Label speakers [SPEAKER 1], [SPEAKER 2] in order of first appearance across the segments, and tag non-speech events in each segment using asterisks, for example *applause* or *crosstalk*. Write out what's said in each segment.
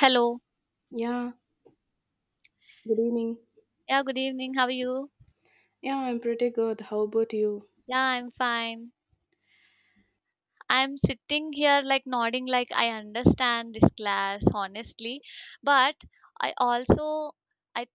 [SPEAKER 1] Hello.
[SPEAKER 2] Yeah, good evening.
[SPEAKER 1] Yeah, good evening. How are you?
[SPEAKER 2] Yeah, I'm pretty good. How about you?
[SPEAKER 1] Yeah, I'm fine. I'm sitting here like nodding like I understand this class honestly, but I also I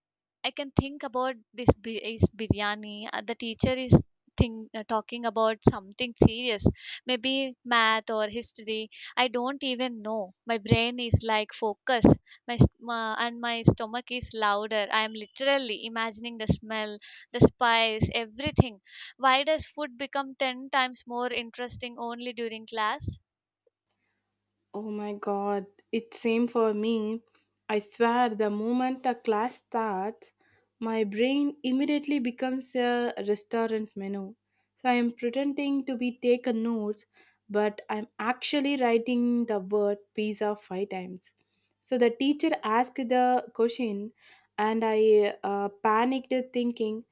[SPEAKER 1] I can think about this bi- is biryani. The teacher is talking about something serious, maybe math or history. I don't even know. My brain is like focus, my, s- my and my stomach is louder. I am literally imagining the smell, the spice, everything. Why does food become 10 times more interesting only during class?
[SPEAKER 2] Oh my god, it's same for me. I swear the moment a class starts, my brain immediately becomes a restaurant menu. So I'm pretending to be taking notes, but I'm actually writing the word pizza five times. So the teacher asked the question and I panicked thinking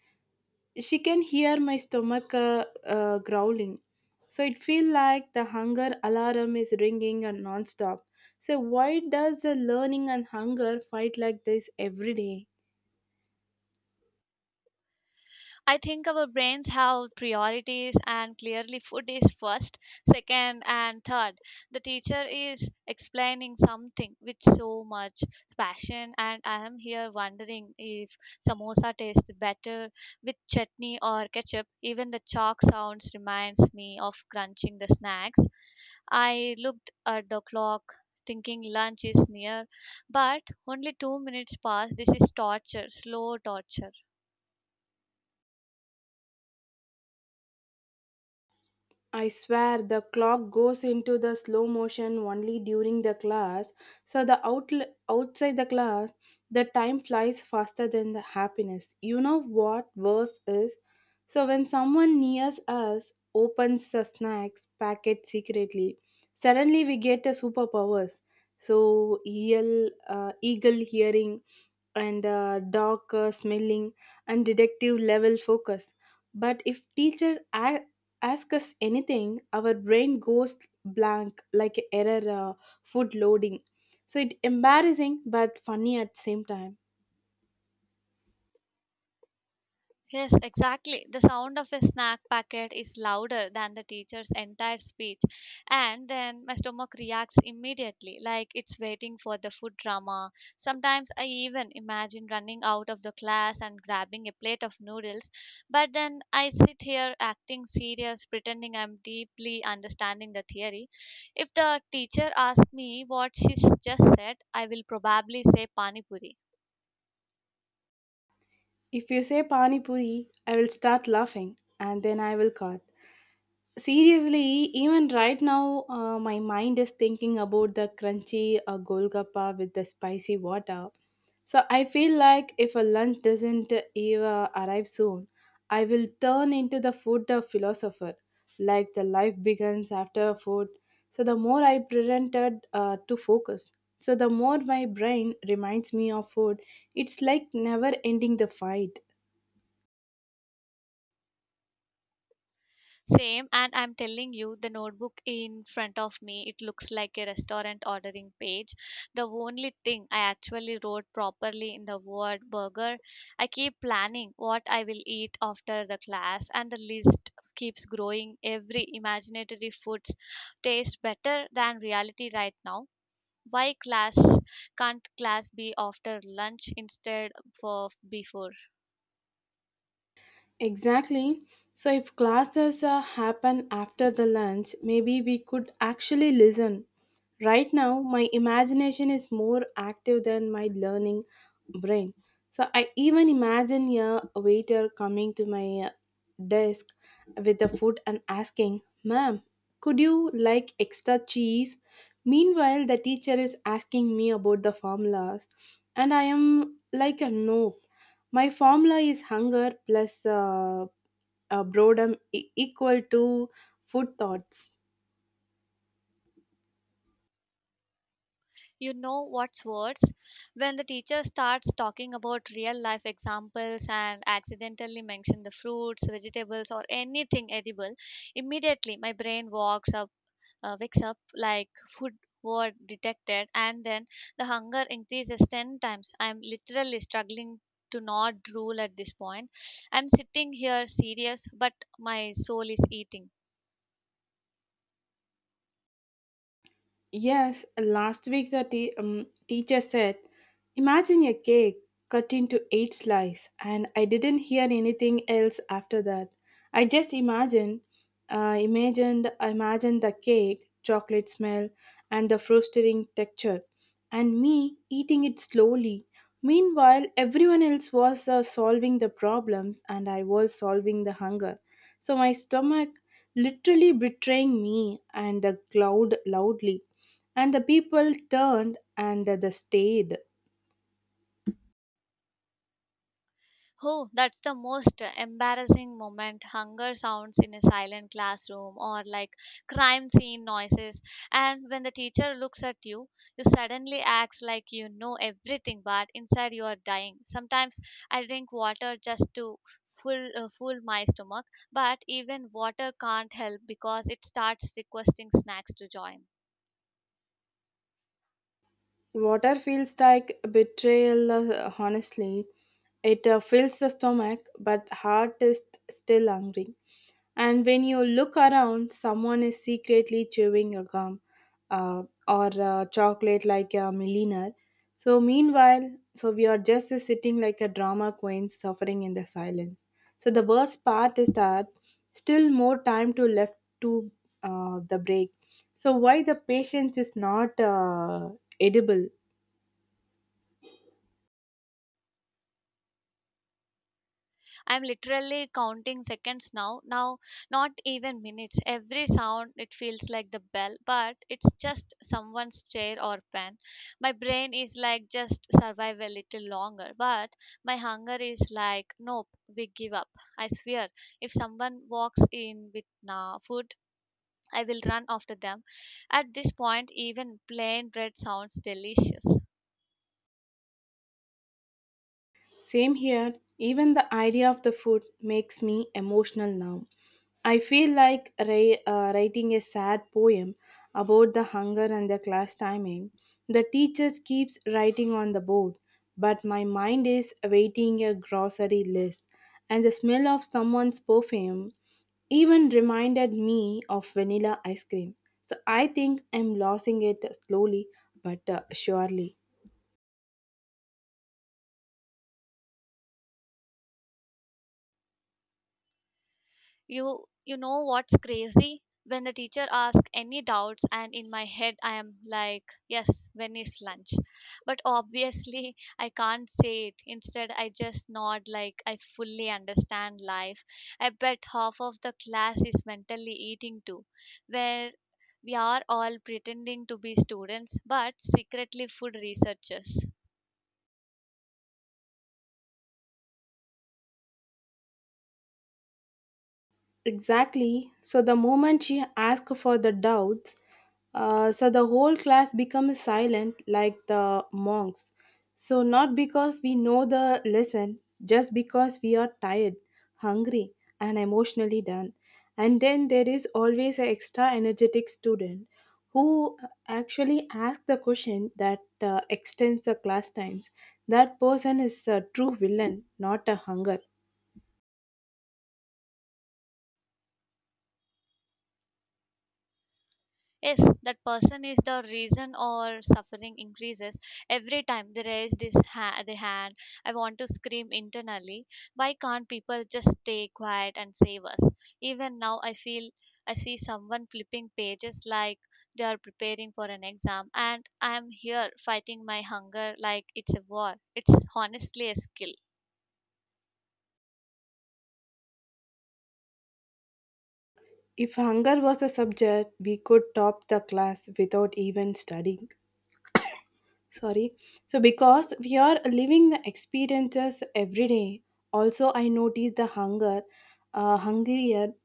[SPEAKER 2] she can hear my stomach growling, so it feels like the hunger alarm is ringing and non-stop. So why does the learning and hunger fight like this every day?
[SPEAKER 1] I think our brains have priorities, and clearly, food is first, second, and third. The teacher is explaining something with so much passion, and I am here wondering if samosa tastes better with chutney or ketchup. Even the chalk sounds reminds me of crunching the snacks. I looked at the clock, thinking lunch is near, but only 2 minutes passed. This is torture, slow torture.
[SPEAKER 2] I swear the clock goes into the slow motion only during the class. So the outl outside the class, the time flies faster than the happiness. You know what worse is? So when someone nears us opens the snacks packet secretly, suddenly we get a superpowers. So eagle hearing and dog smelling and detective level focus. But if ask us anything, our brain goes blank like error, food loading. So it's embarrassing but funny at the same time.
[SPEAKER 1] Yes, exactly. The sound of a snack packet is louder than the teacher's entire speech, and then my stomach reacts immediately, like it's waiting for the food drama. Sometimes I even imagine running out of the class and grabbing a plate of noodles, but then I sit here acting serious, pretending I'm deeply understanding the theory. If the teacher asks me what just said, I will probably say pani puri.
[SPEAKER 2] If you say pani puri, I will start laughing and then I will cut. Seriously, even right now, my mind is thinking about the crunchy golgappa with the spicy water. So I feel like if a lunch doesn't even arrive soon, I will turn into the food philosopher. Like the life begins after food. So the more I pretended to focus, so the more my brain reminds me of food. It's like never ending the fight.
[SPEAKER 1] Same, and I'm telling you, the notebook in front of me, it looks like a restaurant ordering page. The only thing I actually wrote properly in the word burger. I keep planning what I will eat after the class, and the list keeps growing. Every imaginary foods taste better than reality right now. Why class Can't class be after lunch instead of before?
[SPEAKER 2] Exactly. So, if classes happen after the lunch, maybe we could actually listen. Right now, my imagination is more active than my learning brain. So, I even imagine a waiter coming to my desk with the food and asking, Ma'am, could you like extra cheese? Meanwhile, the teacher is asking me about the formulas, and I am like, No, my formula is hunger plus equal to food thoughts.
[SPEAKER 1] You know what's worse? When the teacher starts talking about real life examples and accidentally mention the fruits, vegetables, or anything edible, immediately my brain wakes up like food word detected, and then the hunger increases 10 times. I'm literally struggling to not drool at this point. I'm sitting here serious, but my soul is eating.
[SPEAKER 2] Yes, last week the teacher said, Imagine a cake cut into eight slices, and I didn't hear anything else after that. I just imagined the cake, chocolate smell, and the frosting texture, and me eating it slowly. Meanwhile, everyone else was solving the problems and I was solving the hunger. So my stomach literally betraying me and the cloud loudly. And the people turned and they stayed.
[SPEAKER 1] Oh, that's the most embarrassing moment. Hunger sounds in a silent classroom or like crime scene noises. And when the teacher looks at you, you suddenly act like you know everything, but inside you are dying. Sometimes I drink water just to full my stomach, but even water can't help because it starts requesting snacks to join.
[SPEAKER 2] Water feels like betrayal, honestly. It fills the stomach, but heart is still hungry. And when you look around, someone is secretly chewing a gum or chocolate like a millionaire. So, meanwhile, so we are just sitting like a drama queen suffering in the silence. So, the worst part is that still more time to left to the break. So, why the patience is not edible?
[SPEAKER 1] I'm literally counting seconds now. Now, not even minutes. Every sound, it feels like the bell, but it's just someone's chair or pen. My brain is like, just survive a little longer, but my hunger is like, nope, we give up. I swear, if someone walks in with na food, I will run after them. At this point, even plain bread sounds delicious.
[SPEAKER 2] Same here, even the idea of the food makes me emotional now. I feel like writing a sad poem about the hunger and the class timing. The teacher keeps writing on the board, but my mind is awaiting a grocery list, and the smell of someone's perfume even reminded me of vanilla ice cream. So I think I'm losing it slowly but surely.
[SPEAKER 1] You know what's crazy? When the teacher asks any doubts and in my head I am like, yes, when is lunch? But obviously *laughs* I can't say it. Instead I just nod like I fully understand life. I bet half of the class is mentally eating too, where we are all pretending to be students but secretly food researchers.
[SPEAKER 2] Exactly. So the moment she asks for the doubts, so the whole class becomes silent like the monks. So not because we know the lesson, just because we are tired, hungry, and emotionally done. And then there is always an extra energetic student who actually asks the question that extends the class times. That person is a true villain, not a hunger.
[SPEAKER 1] Yes, that person is the reason or suffering increases every time they raise the hand. I want to scream internally, why can't people just stay quiet and save us? Even now I feel, I see someone flipping pages like they are preparing for an exam, and I am here fighting my hunger like it's a war. It's honestly a skill.
[SPEAKER 2] If hunger was a subject, we could top the class without even studying. Sorry. So, because we are living the experiences every day, also I notice the hungrier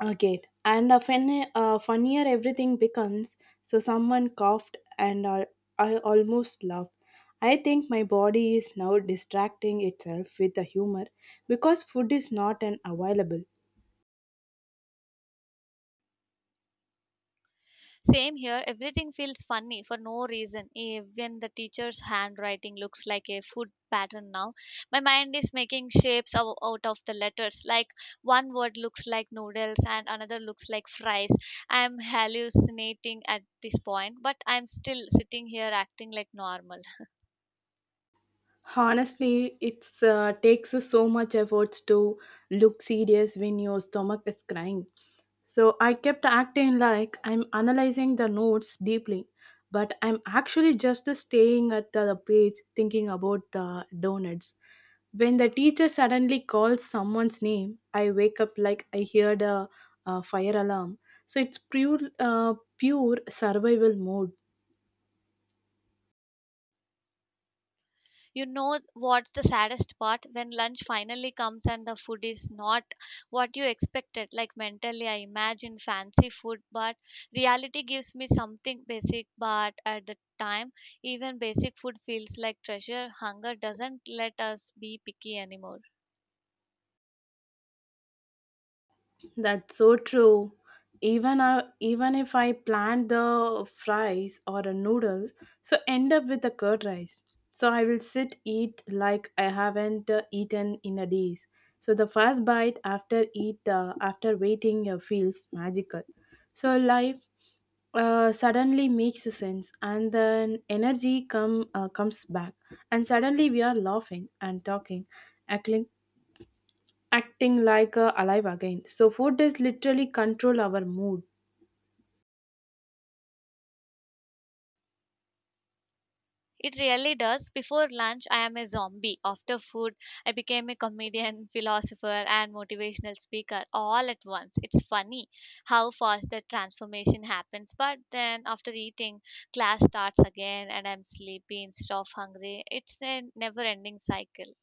[SPEAKER 2] I get, and a funnier everything becomes. So, someone coughed, and I almost laughed. I think my body is now distracting itself with the humor because food is not an available.
[SPEAKER 1] Same here, everything feels funny for no reason. Even the teacher's handwriting looks like a food pattern now. My mind is making shapes out of the letters. Like one word looks like noodles and another looks like fries. I'm hallucinating at this point, but I'm still sitting here acting like normal.
[SPEAKER 2] Honestly, it's takes so much efforts to look serious when your stomach is crying. So I kept acting like I'm analyzing the notes deeply, but I'm actually just staying at the page thinking about the donuts. When the teacher suddenly calls someone's name, I wake up like I heard a fire alarm. So it's pure survival mode.
[SPEAKER 1] You know what's the saddest part? When lunch finally comes and the food is not what you expected. Like mentally, I imagine fancy food, but reality gives me something basic. But at the time, even basic food feels like treasure. Hunger doesn't let us be picky anymore.
[SPEAKER 2] That's so true. Even if I plan the fries or the noodles, so end up with the curd rice. So I will sit eat like I haven't eaten in a days. So the first bite after waiting feels magical. So life suddenly makes sense, and then energy come comes back, and suddenly we are laughing and talking, heckling acting like alive again. So food is literally control our mood.
[SPEAKER 1] It really does. Before lunch, I am a zombie. After food, I became a comedian, philosopher, and motivational speaker all at once. It's funny how fast the transformation happens. But then after eating, class starts again, and I'm sleepy instead of hungry. It's a never ending cycle.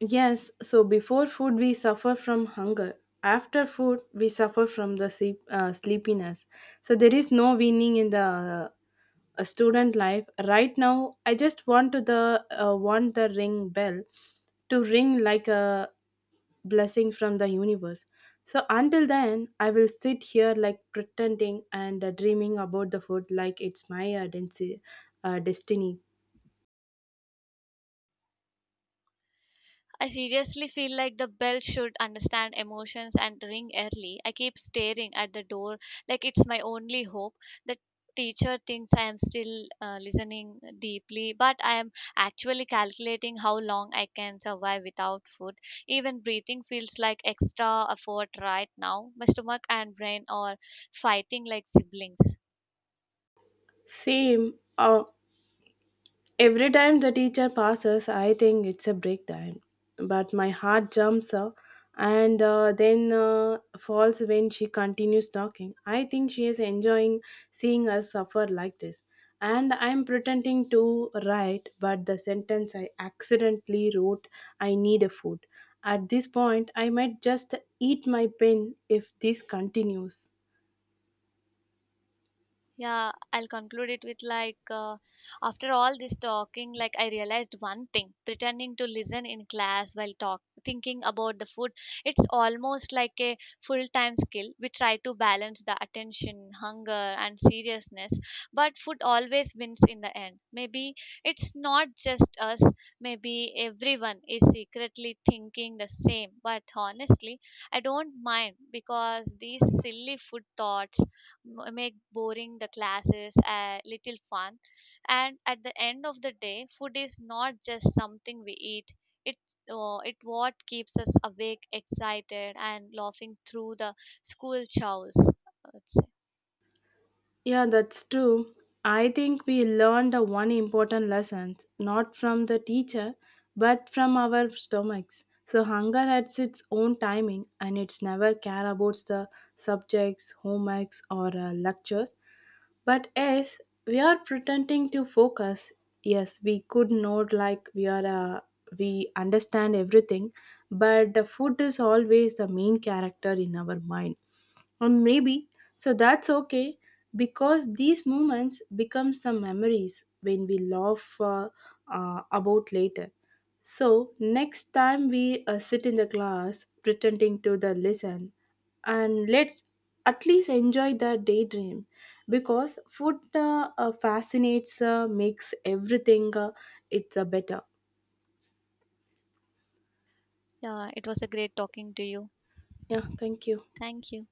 [SPEAKER 2] Yes, so before food, we suffer from hunger. After food, we suffer from the sleepiness. So there is no winning in the a student life. Right now, I just want the ring bell to ring like a blessing from the universe. So until then, I will sit here like pretending and dreaming about the food like it's my destiny.
[SPEAKER 1] I seriously feel like the bell should understand emotions and ring early. I keep staring at the door like it's my only hope. The teacher thinks I am still listening deeply, but I am actually calculating how long I can survive without food. Even breathing feels like extra effort right now. My stomach and brain are fighting like siblings.
[SPEAKER 2] Same. Every time the teacher passes, I think it's a break time. But my heart jumps up and then falls when she continues talking. I think she is enjoying seeing us suffer like this. And I'm pretending to write, but the sentence I accidentally wrote, I need a food. At this point, I might just eat my pen if this continues.
[SPEAKER 1] Yeah, I'll conclude it with after all this talking, like I realized one thing: pretending to listen in class while talk, thinking about the food, it's almost like a full-time skill. We try to balance the attention, hunger, and seriousness, but food always wins in the end. Maybe it's not just us. Maybe everyone is secretly thinking the same. But honestly, I don't mind because these silly food thoughts make boring the classes a little fun, and at the end of the day food is not just something we eat. It it what keeps us awake excited and laughing through the school chores I would say.
[SPEAKER 2] Yeah, that's true. I think we learned a one important lesson, not from the teacher, but from our stomachs. So hunger has its own timing and it's never care about the subjects, homeworks or lectures. But as we are pretending to focus, yes, we could note like we understand everything, but the food is always the main character in our mind, or maybe so that's okay, because these moments become some memories when we laugh about later. So next time we sit in the class pretending to the listen, and let's at least enjoy the daydream, because food fascinates, makes everything, it's better.
[SPEAKER 1] Yeah, it was a great talking to you.
[SPEAKER 2] Yeah, thank you.
[SPEAKER 1] Thank you.